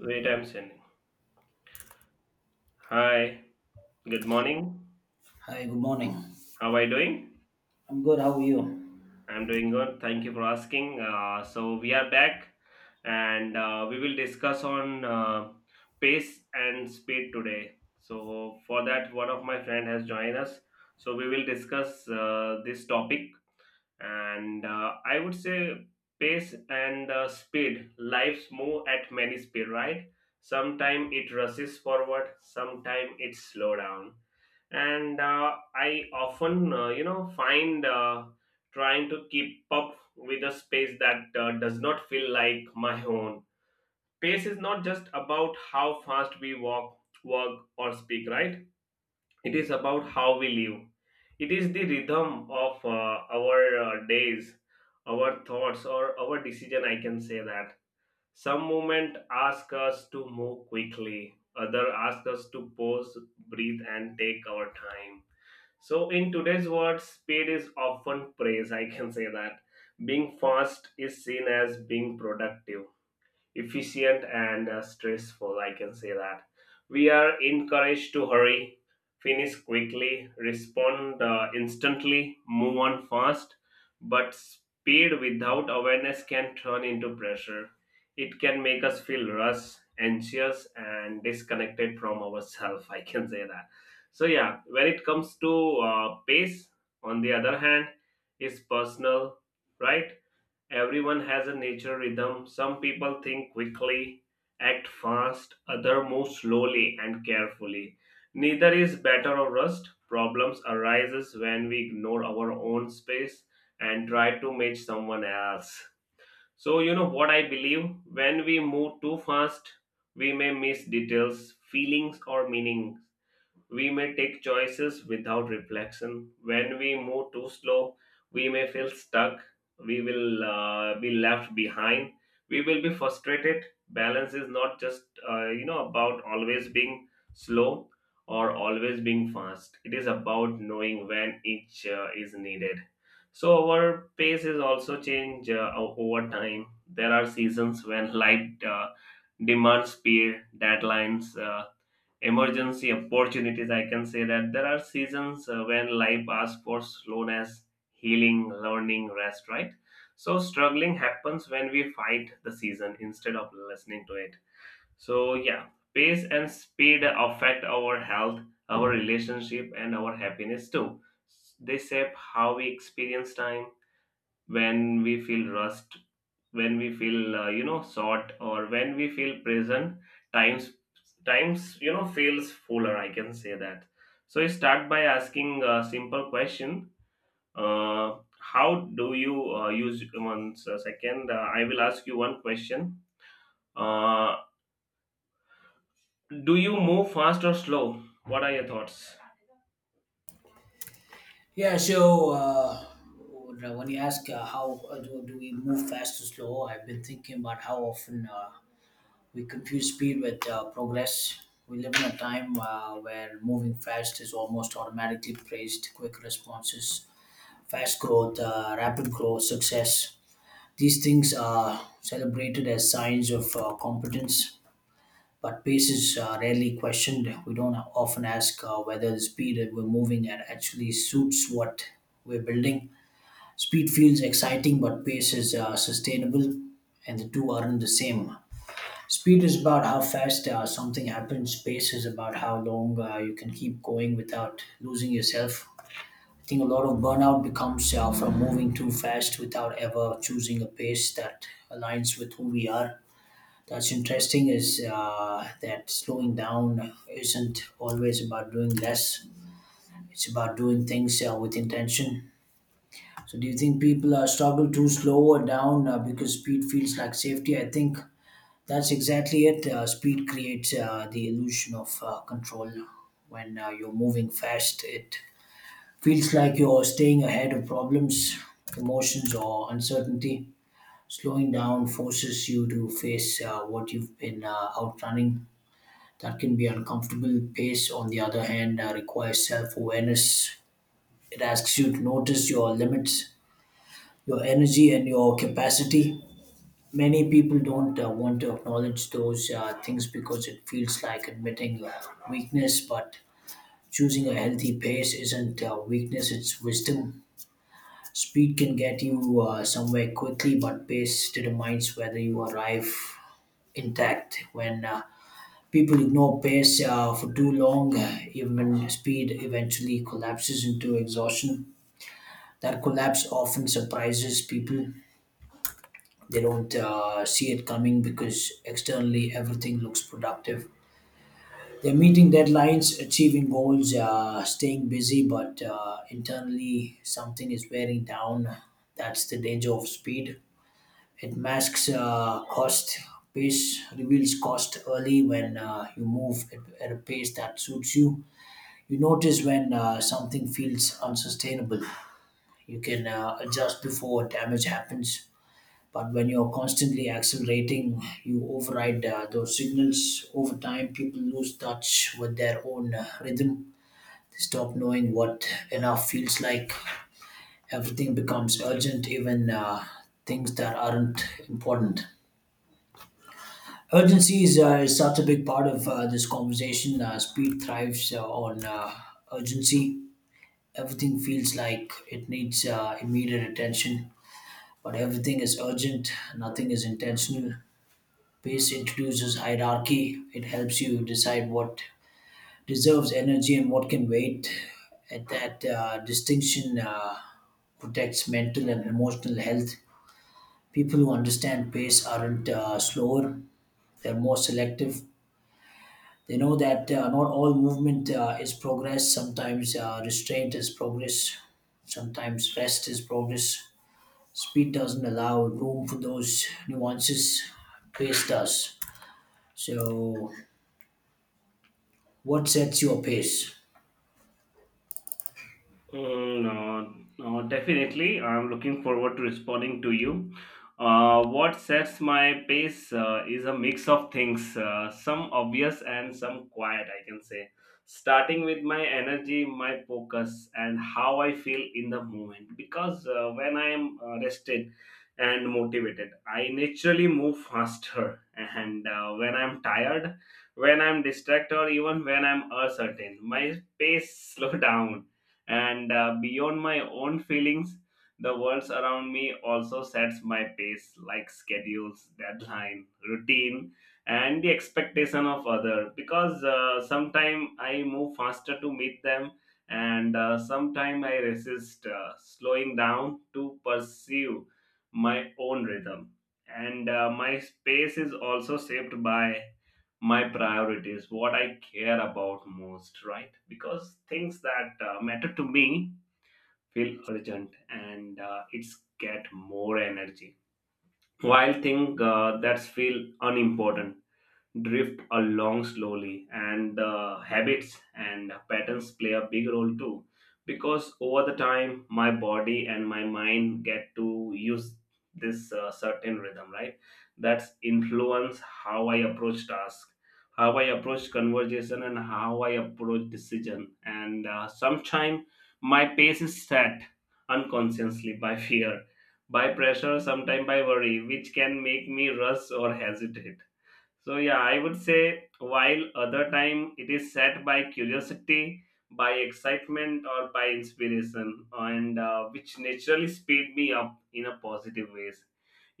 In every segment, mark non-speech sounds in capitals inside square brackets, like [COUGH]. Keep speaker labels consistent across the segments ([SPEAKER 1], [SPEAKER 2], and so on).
[SPEAKER 1] Wait, I'm sending. Hi, good morning.
[SPEAKER 2] Hi, good morning.
[SPEAKER 1] How are you doing?
[SPEAKER 2] I'm good. How are you?
[SPEAKER 1] I'm doing good. Thank you for asking. So we are back, and we will discuss on pace and speed today. So for that, one of my friend has joined us. So we will discuss this topic, and I would say pace and speed. Lives move at many speed, right? Sometime it rushes forward, sometime it slow down and I often find trying to keep up with a space that does not feel like my own. Pace is not just about how fast we walk, work, or speak, right? It is about how we live. It is the rhythm of our days, our thoughts or our decision, I can say that. Some movement ask us to move quickly, other ask us to pause, breathe and take our time. So, in today's world, speed is often praised. I can say that being fast is seen as being productive, efficient and stressful. I can say that. We are encouraged to hurry, finish quickly, respond instantly, move on fast, but speed without awareness can turn into pressure. It can make us feel rushed, anxious, and disconnected from ourselves. I can say that. So, yeah, when it comes to pace, on the other hand, is personal, right? Everyone has a natural rhythm. Some people think quickly, act fast, other move slowly and carefully. Neither is better or worse. Problems arises when we ignore our own space and try to match someone else. So you know what I believe? When we move too fast, we may miss details, feelings or meanings. We may take choices without reflection. When we move too slow, we may feel stuck. We will be left behind. We will be frustrated. Balance is not just about always being slow or always being fast. It is about knowing when each is needed. So our pace is also change over time. There are seasons when light demands speed, deadlines. Emergency opportunities, I can say that. There are seasons when life asks for slowness, healing, learning, rest, right? So struggling happens when we fight the season instead of listening to it. So yeah, pace and speed affect our health, our relationship and our happiness too. They shape how we experience time. When we feel rust, when we feel short, or when we feel prison, times, times feels fuller, I can say that. So you start by asking a simple question. How do you use second, I will ask you one question. uh, do you move fast or slow? What are your thoughts?
[SPEAKER 2] Yeah. So when when you ask how do we move fast or slow, I've been thinking about how often we confuse speed with progress. We live in a time where moving fast is almost automatically praised. Quick responses, fast growth, rapid growth, success. These things are celebrated as signs of competence, but pace is rarely questioned. We don't often ask whether the speed that we're moving at actually suits what we're building. Speed feels exciting, but pace is sustainable, and the two aren't the same. Speed is about how fast something happens. Pace is about how long you can keep going without losing yourself. I think a lot of burnout becomes from moving too fast without ever choosing a pace that aligns with who we are. That's interesting. Is that slowing down isn't always about doing less? It's about doing things with intention. So, do you think people struggle to slow or down because speed feels like safety? I think that's exactly it. Speed creates the illusion of control. When you're moving fast, it feels like you're staying ahead of problems, emotions, or uncertainty. Slowing down forces you to face what you've been outrunning. That can be uncomfortable. Pace, on the other hand, requires self awareness. It asks you to notice your limits, your energy, and your capacity. Many people don't want to acknowledge those things because it feels like admitting weakness, but choosing a healthy pace isn't weakness, it's wisdom. Speed can get you somewhere quickly, but pace determines whether you arrive intact. When people ignore pace for too long, even speed eventually collapses into exhaustion. That collapse often surprises people. They don't see it coming because externally everything looks productive. They're meeting deadlines, achieving goals, staying busy, but internally something is wearing down. That's the danger of speed. It masks cost. Pace reveals cost early. When you move at a pace that suits you, you notice when something feels unsustainable. You can adjust before damage happens, but when you're constantly accelerating, you override those signals. Over time, people lose touch with their own rhythm. They stop knowing what enough feels like. Everything becomes urgent, even things that aren't important. Urgency is such a big part of this conversation. Speed thrives on urgency. Everything feels like it needs immediate attention, but everything is urgent, nothing is intentional. Pace introduces hierarchy, it helps you decide what deserves energy and what can wait. At that distinction, protects mental and emotional health. People who understand pace aren't slower, they're more selective. They know that not all movement is progress. Sometimes restraint is progress, sometimes rest is progress. Speed doesn't allow room for those nuances. Pace does. So, what sets your pace?
[SPEAKER 1] Mm, no, no, definitely. I'm looking forward to responding to you. What sets my pace is a mix of things, some obvious and some quiet, I can say. Starting with my energy, my focus, and how I feel in the moment. Because when I am rested and motivated, I naturally move faster. And when I'm tired, when I'm distracted, or even when I'm uncertain, my pace [LAUGHS] slow down and beyond my own feelings, the world around me also sets my pace like schedules, deadline, routine, and the expectation of other. Because sometime I move faster to meet them, and sometime I resist slowing down to pursue my own rhythm. And my space is also shaped by my priorities, what I care about most, right? Because things that matter to me feel urgent and it's get more energy. While things that feel unimportant drift along slowly. And the habits and patterns play a big role too, because over the time my body and my mind get to use this certain rhythm, right? That's influence how I approach task, how I approach conversation and how I approach decision. And sometimes my pace is set unconsciously by [LAUGHS] fear, by pressure, sometimes by worry, which can make me rush or hesitate. So yeah, I would say while other time it is set by curiosity, by excitement, or by inspiration, and which naturally speed me up in a positive ways.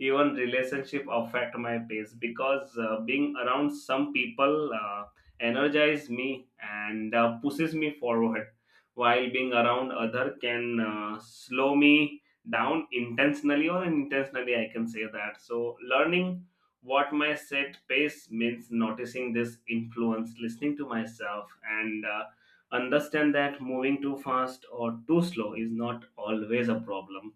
[SPEAKER 1] Even relationship affect my pace because being around some people energize me and pushes me forward, while being around other can slow me down intentionally or unintentionally. I can say that. So learning what my set pace means, noticing this influence, listening to myself, and understand that moving too fast or too slow is not always a problem,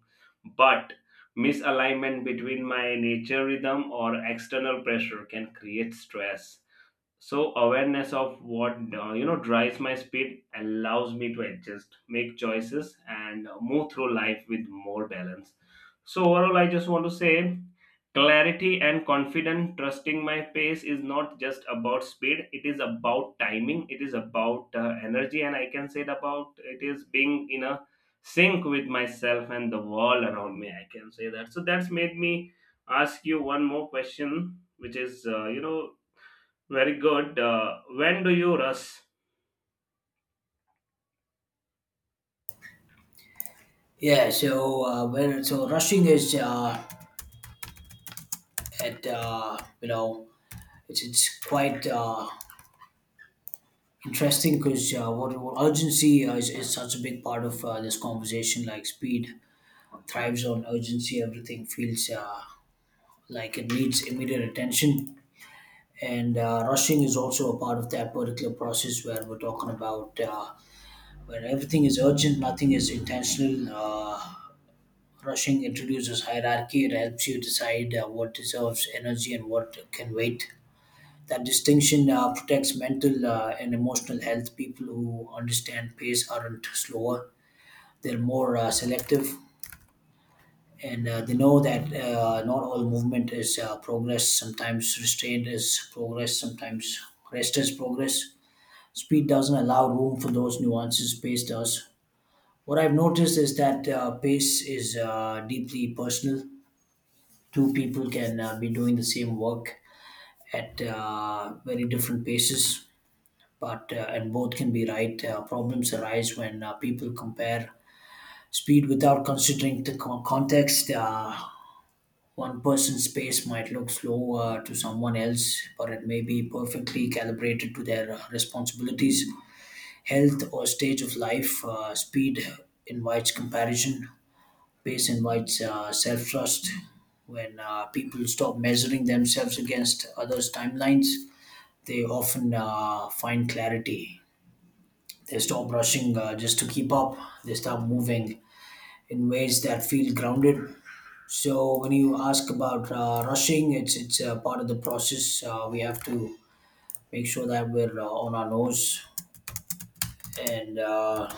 [SPEAKER 1] but misalignment between my nature rhythm or external pressure can create stress. So awareness of what drives my speed allows me to adjust, make choices and move through life with more balance. So overall I just want to say clarity and confident, trusting my pace is not just about speed, it is about timing, it is about energy, and I can say it about it is being in a sync with myself and the world around me, I can say that. So that's made me ask you one more question, which is very good. When do you rush?
[SPEAKER 2] Yeah. So rushing is at you know, it's quite interesting because what urgency is such a big part of this conversation. Like speed thrives on urgency. Everything feels like it needs immediate attention. And rushing is also a part of that particular process where we're talking about, where everything is urgent, nothing is intentional. Rushing introduces hierarchy, it helps you decide what deserves energy and what can wait. That distinction protects mental and emotional health. People who understand pace aren't slower, they're more selective. And they know that not all movement is progress. Sometimes restraint is progress, sometimes rest is progress. Speed doesn't allow room for those nuances, pace does. What I've noticed is that pace is deeply personal. Two people can be doing the same work at very different paces, but and both can be right. Problems arise when people compare speed without considering the context. One person's pace might look slow to someone else, but it may be perfectly calibrated to their responsibilities, health, or stage of life. Speed invites comparison. Pace invites self trust. When people stop measuring themselves against others' timelines, they often find clarity. They stop rushing just to keep up, they start moving in ways that feel grounded. So, when you ask about rushing, it's a part of the process. We have to make sure that we're on our nose. and uh,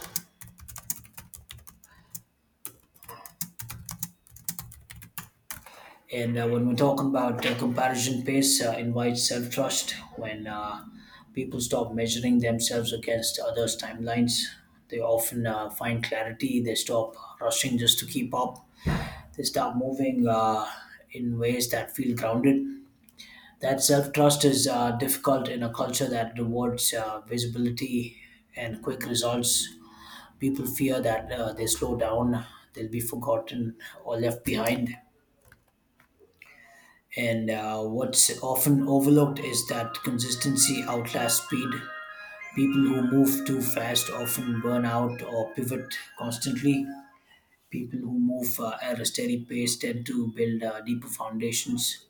[SPEAKER 2] And uh, when we're talking about comparison pace, invites self trust when people stop measuring themselves against others' timelines. They often find clarity, they stop rushing just to keep up, they start moving in ways that feel grounded. That self trust is difficult in a culture that rewards visibility and quick results. People fear that they slow down, they'll be forgotten, or left behind. And what's often overlooked is that consistency outlasts speed. People who move too fast often burn out or pivot constantly. People who move at a steady pace tend to build deeper foundations.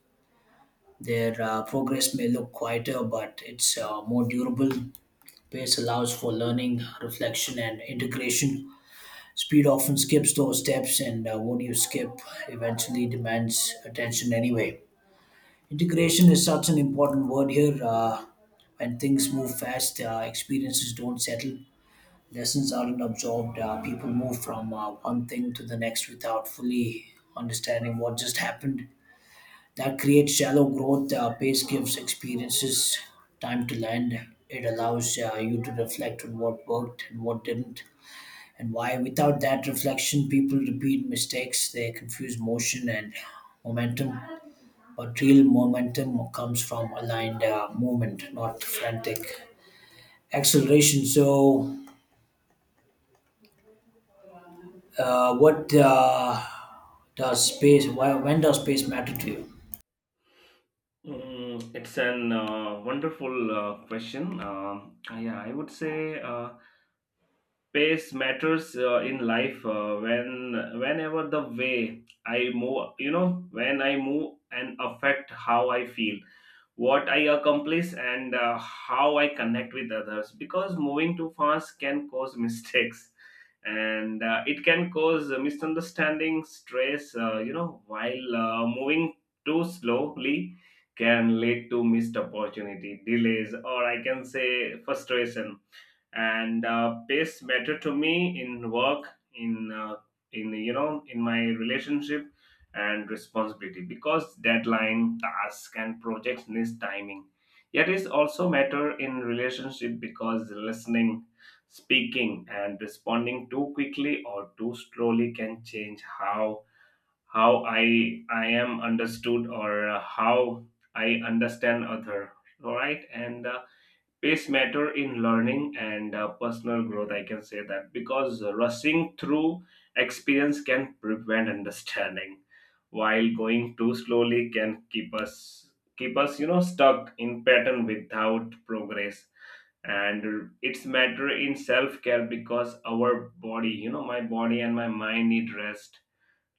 [SPEAKER 2] Their progress may look quieter, but it's more durable. Pace allows for learning, reflection, and integration. Speed often skips those steps, and what you skip eventually demands attention anyway. Integration is such an important word here. When things move fast, experiences don't settle, lessons aren't absorbed, people move from one thing to the next without fully understanding what just happened. That creates shallow growth. Pace gives experiences time to land. It allows you to reflect on what worked and what didn't and why. Without that reflection, people repeat mistakes, they confuse motion and momentum. But real momentum comes from aligned movement, not frantic acceleration. So, what does space, why, when does space matter to you?
[SPEAKER 1] Mm, it's an wonderful question. Yeah, I would say pace matters in life. Whenever the way I move, you know, when I move and affect how I feel, what I accomplish and how I connect with others, because moving too fast can cause [LAUGHS] mistakes and it can cause misunderstanding, stress, while moving too slowly can lead to missed opportunity, delays, or I can say frustration. And pace matter to me in work, in in my relationship and responsibility, because deadline, task and projects needs timing. Yet it's also matter in relationship because listening, speaking and responding too quickly or too slowly can change how how I am understood or how I understand other, all right? And pace matter in learning and personal growth, I can say that, because rushing through experience can prevent understanding, while going too slowly can keep us stuck in pattern without progress. And it's matter in self-care because our body, my body and my mind need rest,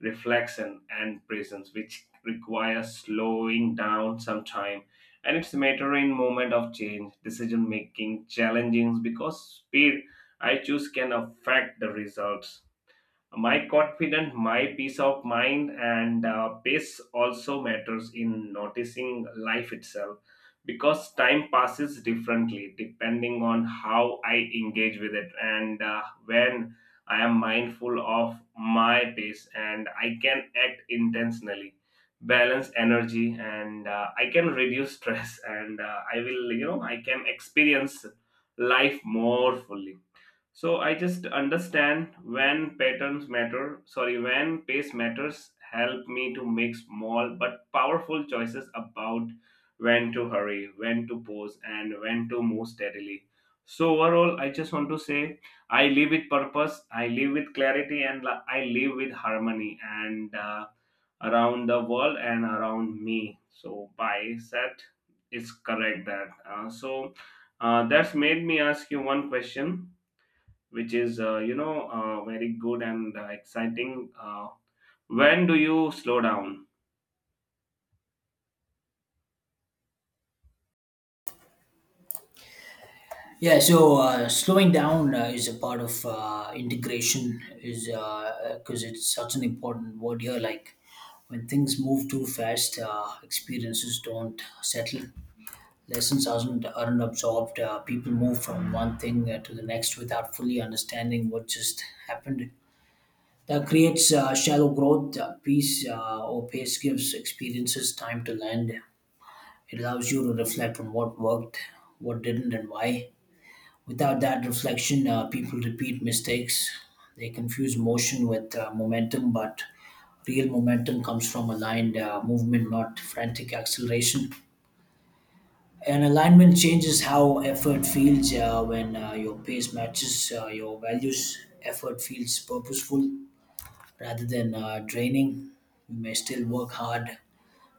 [SPEAKER 1] reflection and presence, which requires slowing down sometime. And it's a matter in moment of change, decision making, challenging, because speed I choose can affect the results, my confidence, my peace of mind. And pace also matters in noticing life itself, because time passes differently depending on how I engage with it. And when I am mindful of my pace and I can act intentionally, balance energy, and I can reduce [LAUGHS] stress, and I will you know I can experience life more fully. So I just understand when pace matters, help me to make small but powerful choices about when to hurry, when to pause, and when to move steadily. So overall, I just want to say I live with purpose, I live with clarity, and I live with harmony and around the world and around me. So by set, it's correct that. That's made me ask you one question which is very good and exciting. When do you slow down?
[SPEAKER 2] Yeah, so slowing down is a part of integration, is because it's such an important word here. Like when things move too fast, experiences don't settle. Lessons aren't absorbed. People move from one thing to the next without fully understanding what just happened. That creates shallow growth. Peace or pace gives experiences time to land. It allows you to reflect on what worked, what didn't, and why. Without that reflection, people repeat mistakes. They confuse motion with momentum, but real momentum comes from aligned movement, not frantic acceleration. And alignment changes how effort feels when your pace matches your values. Effort feels purposeful rather than draining. You may still work hard,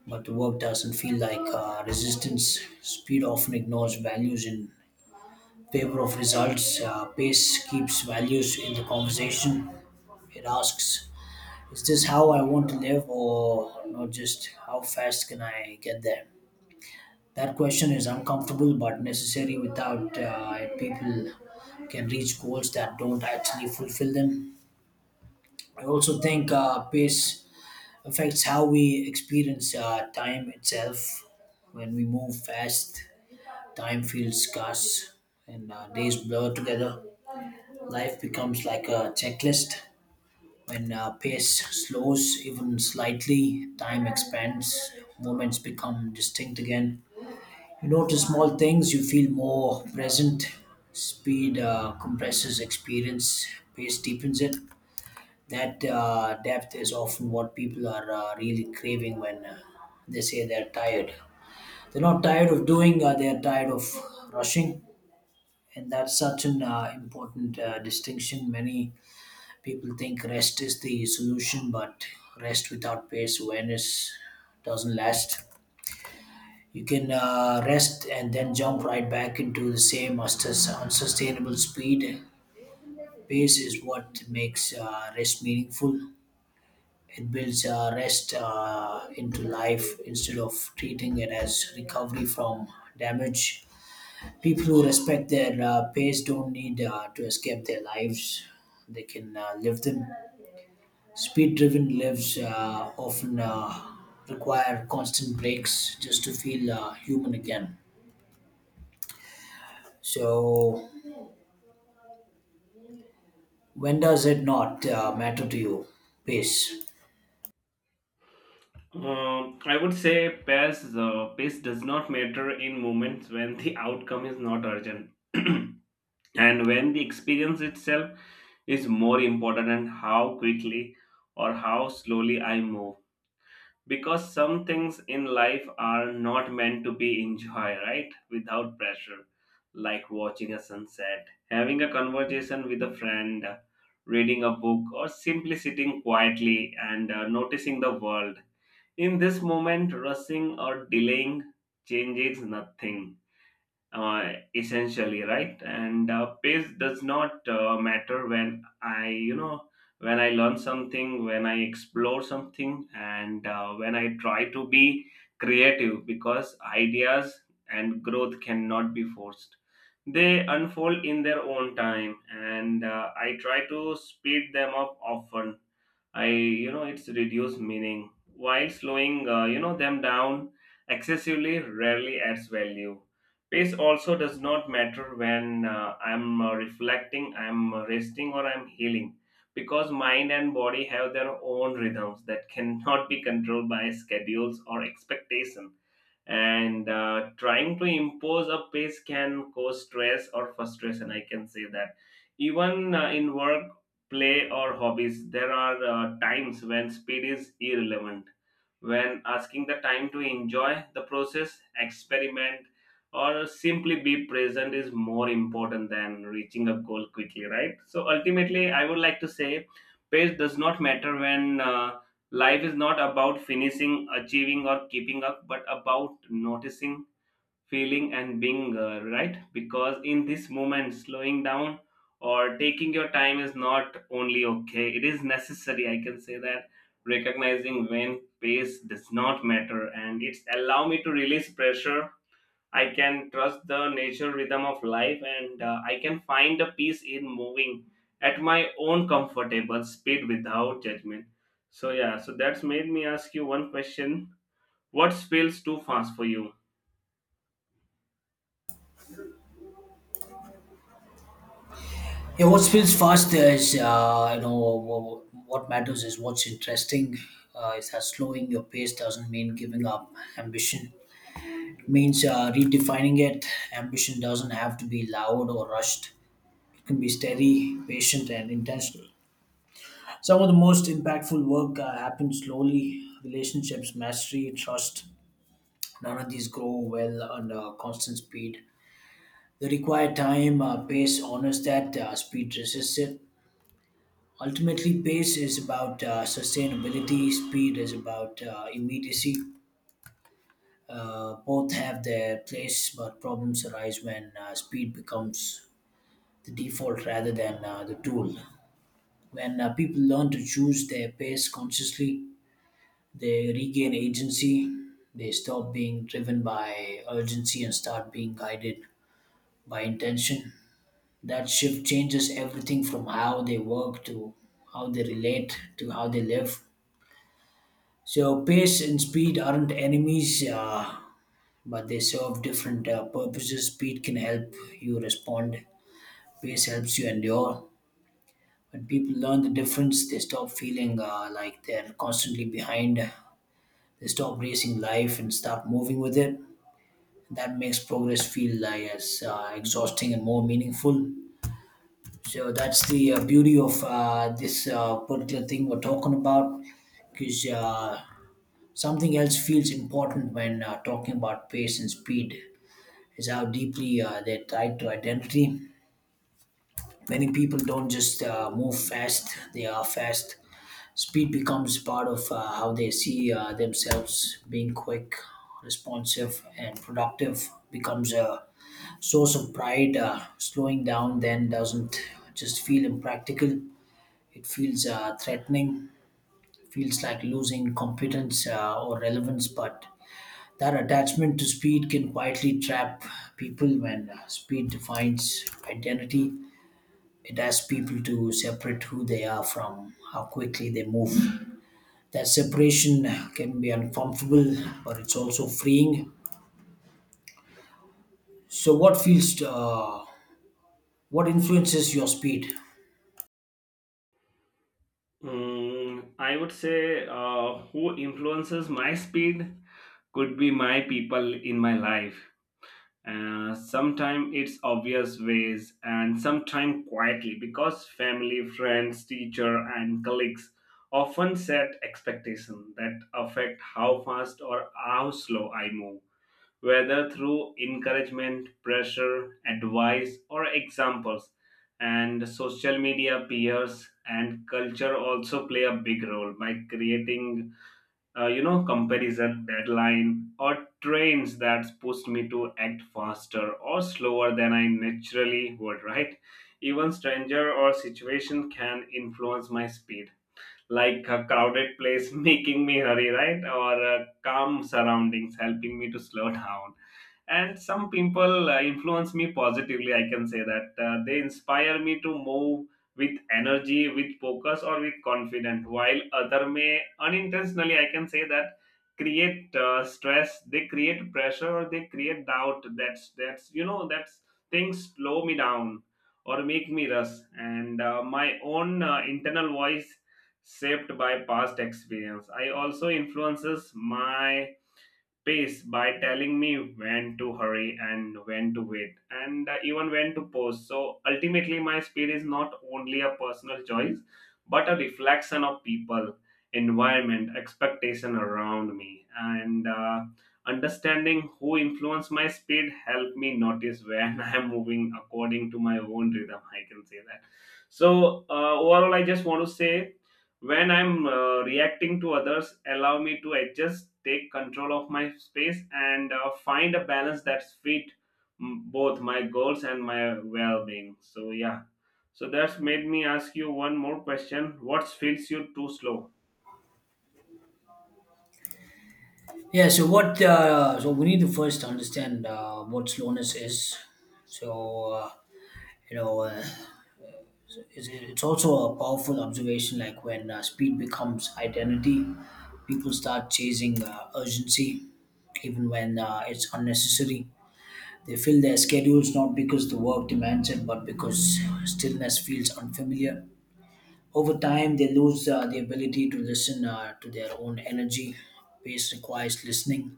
[SPEAKER 2] but the work doesn't feel like resistance. Speed often ignores values in favor of results. Pace keeps values in the conversation. It asks, is this how I want to live, or not just how fast can I get there? That question is uncomfortable but necessary. Without it, people can reach goals that don't actually fulfill them. I also think pace affects how we experience time itself. When we move fast, time feels scarce and days blur together. Life becomes like a checklist. When pace slows even slightly, time expands, moments become distinct again. You notice small things, you feel more present. Speed compresses experience, pace deepens it. That depth is often what people are really craving when they say they're tired. They're not tired of doing, they're tired of rushing. And that's such an important distinction. Many people think rest is the solution, but rest without pace awareness doesn't last. You can rest and then jump right back into the same unsustainable speed. Pace is what makes rest meaningful. It builds rest into life instead of treating it as recovery from damage. People who respect their pace don't need to escape their lives, they can live them. Speed driven lives often require constant breaks just to feel human again. So, when does it not matter to you? Pace.
[SPEAKER 1] I would say pace. Pace does not matter in moments when the [LAUGHS] outcome is not urgent, [CLEARS THROAT] and when the experience itself is more important than how quickly or how slowly I move. Because some things in life are not meant to be enjoy, right, without pressure, like watching a sunset, having a conversation with a friend, reading a book, or simply sitting quietly and noticing the world. In this moment rushing or delaying changes nothing, essentially, right? And pace does not matter when I when I learn something, when I explore something, and when I try to be creative, because ideas and growth cannot be forced. They unfold in their own time, and I try to speed them up often, I it's reduced meaning, while slowing them down excessively rarely adds value. Pace also does not matter when I'm reflecting, I'm resting, or I'm healing, because mind and body have their own rhythms that cannot be controlled by schedules or expectation. And trying to impose a pace can cause stress or frustration, I can say that. Even in work, play or hobbies, there are times when speed is irrelevant. When asking the time to enjoy the process, experiment, or simply be present is more important than reaching a goal quickly, right? So ultimately, I would like to say pace does not matter when life is not about finishing, achieving, or keeping up, but about noticing, feeling and being, right? Because in this moment slowing down or taking your time is not only okay, it is necessary, I can say that. Recognizing when pace does not matter and it's allow me to release pressure, I can trust the nature rhythm of life, and I can find a peace in moving at my own comfortable speed without judgment. So yeah, so that's made me ask you one question. What feels too fast for you?
[SPEAKER 2] Yeah, what feels fast is, what matters is what's interesting. Is that slowing your pace doesn't mean giving up ambition. It means redefining it. Ambition doesn't have to be loud or rushed. It can be steady, patient, and intentional. Some of the most impactful work happens slowly. Relationships, mastery, trust. None of these grow well under constant speed. They require time, pace honors that, speed resists it. Ultimately, pace is about sustainability, speed is about immediacy. Both have their place, but problems arise when speed becomes the default rather than the tool. When people learn to choose their pace consciously, they regain agency, they stop being driven by urgency and start being guided by intention. That shift changes everything from how they work to how they relate to how they live. So, pace and speed aren't enemies, but they serve different purposes. Speed can help you respond, pace helps you endure. When people learn the difference, they stop feeling like they're constantly behind. They stop racing life and start moving with it. That makes progress feel like as exhausting and more meaningful. So that's the beauty of this particular thing we're talking about, because something else feels important when talking about pace and speed is how deeply they're tied to identity. Many people don't just move fast, they are fast. Speed becomes part of how they see themselves. Being quick, responsive, and productive becomes a source of pride. Slowing down then doesn't just feel impractical, it feels threatening, feels like losing competence or relevance. But that attachment to speed can quietly trap people when speed defines identity. It asks people to separate who they are from how quickly they move. That separation can be uncomfortable, but it's also freeing. So, what influences your speed?
[SPEAKER 1] Mm, I would say who influences my speed could be my people in my life. Sometimes it's obvious ways and sometimes quietly, because family, friends, teacher and colleagues often set expectations that affect how fast or how slow I move, whether through encouragement, pressure, advice, or examples. And social media, peers and culture also play a big role by creating, comparison, deadline or trends that push me to act faster or slower than I naturally would, right? Even stranger or situation can influence my speed, like a crowded place [LAUGHS] making me hurry, right, or calm surroundings helping me to slow [LAUGHS] down. And some people influence me positively, I can say that, they inspire me to move with energy, with focus or with confidence, while other may unintentionally, I can say that, create stress, they create pressure or they create doubt. That's that's you know that's things slow me down or make me rush. And my own internal voice, shaped by past experience, I also influences my pace by telling me when to hurry and when to wait and even when to pause. So ultimately my speed is not only a personal choice, but a reflection of people, environment, expectation around me. And understanding who influence my speed help me notice when [LAUGHS] I am moving according to my own rhythm, I can say that. So overall I just want to say, when I'm reacting to others, allow me to adjust, take control of my space, and find a balance that fit, mm, both my goals and my well-being. So yeah, so that's made me ask you one more question. What feels you too slow?
[SPEAKER 2] Yeah. So what? So we need to first understand what slowness is. So uh, you know, uh, it's also a powerful observation. Like when speed becomes identity, people start chasing urgency, even when it's unnecessary. They fill their schedules not because the work demands it, but because stillness feels unfamiliar. Over time, they lose the ability to listen to their own energy. Pace requires listening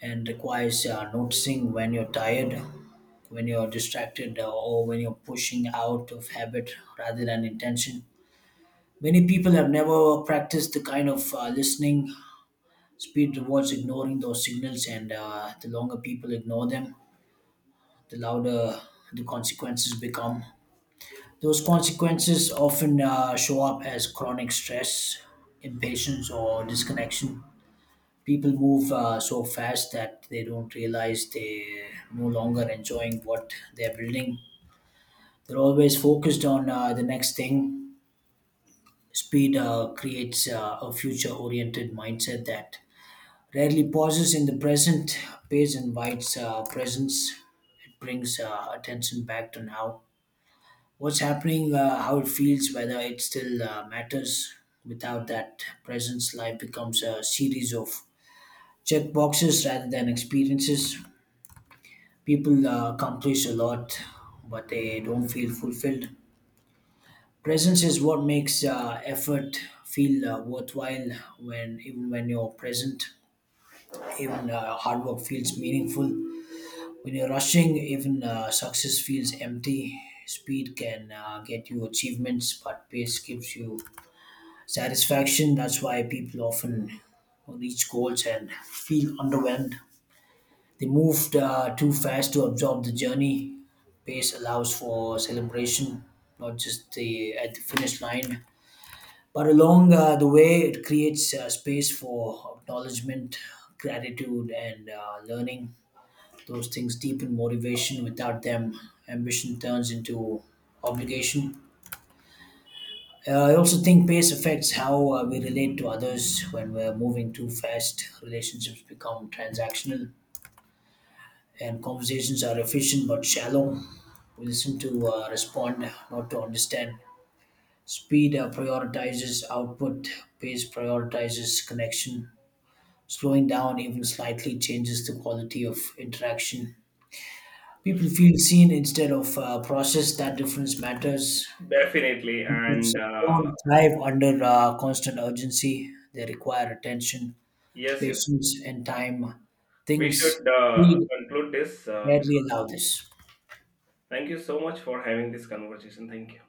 [SPEAKER 2] and requires noticing when you're tired, when you're distracted, or when you're pushing out of habit rather than intention. Many people have never practiced the kind of listening. Speed rewards ignoring those signals, and the longer people ignore them, the louder the consequences become. Those consequences often show up as chronic stress, impatience, or disconnection. People move so fast that they don't realize they're no longer enjoying what they're building. They're always focused on the next thing. Speed creates a future oriented mindset that rarely pauses in the present. Pace invites presence. It brings attention back to now, what's happening, how it feels, whether it still matters. Without that presence, life becomes a series of check boxes rather than experiences. People accomplish a lot, but they don't feel fulfilled. Presence is what makes effort feel worthwhile. When even when you're present, even hard work feels meaningful. When you're rushing, even success feels empty. Speed can get you achievements, but pace gives you satisfaction. That's why people often reach goals and feel underwhelmed. They moved too fast to absorb the journey. Pace allows for celebration, not just the at the finish line, but along the way. It creates space for acknowledgement, gratitude, and learning. Those things deepen motivation. Without them, ambition turns into obligation. I also think pace affects how we relate to others. When we're moving too fast, relationships become transactional and conversations are efficient but shallow. We listen to respond, not to understand. Speed prioritizes output, pace prioritizes connection. Slowing down even slightly changes the quality of interaction. People feel seen instead of processed. That difference matters.
[SPEAKER 1] Definitely, and
[SPEAKER 2] Because don't thrive under constant urgency. They require attention,
[SPEAKER 1] yes, yes,
[SPEAKER 2] patience, and time.
[SPEAKER 1] we
[SPEAKER 2] Things
[SPEAKER 1] should
[SPEAKER 2] speed
[SPEAKER 1] conclude this
[SPEAKER 2] rarely
[SPEAKER 1] because
[SPEAKER 2] allow this.
[SPEAKER 1] thank you so much for having this conversation. Thank you.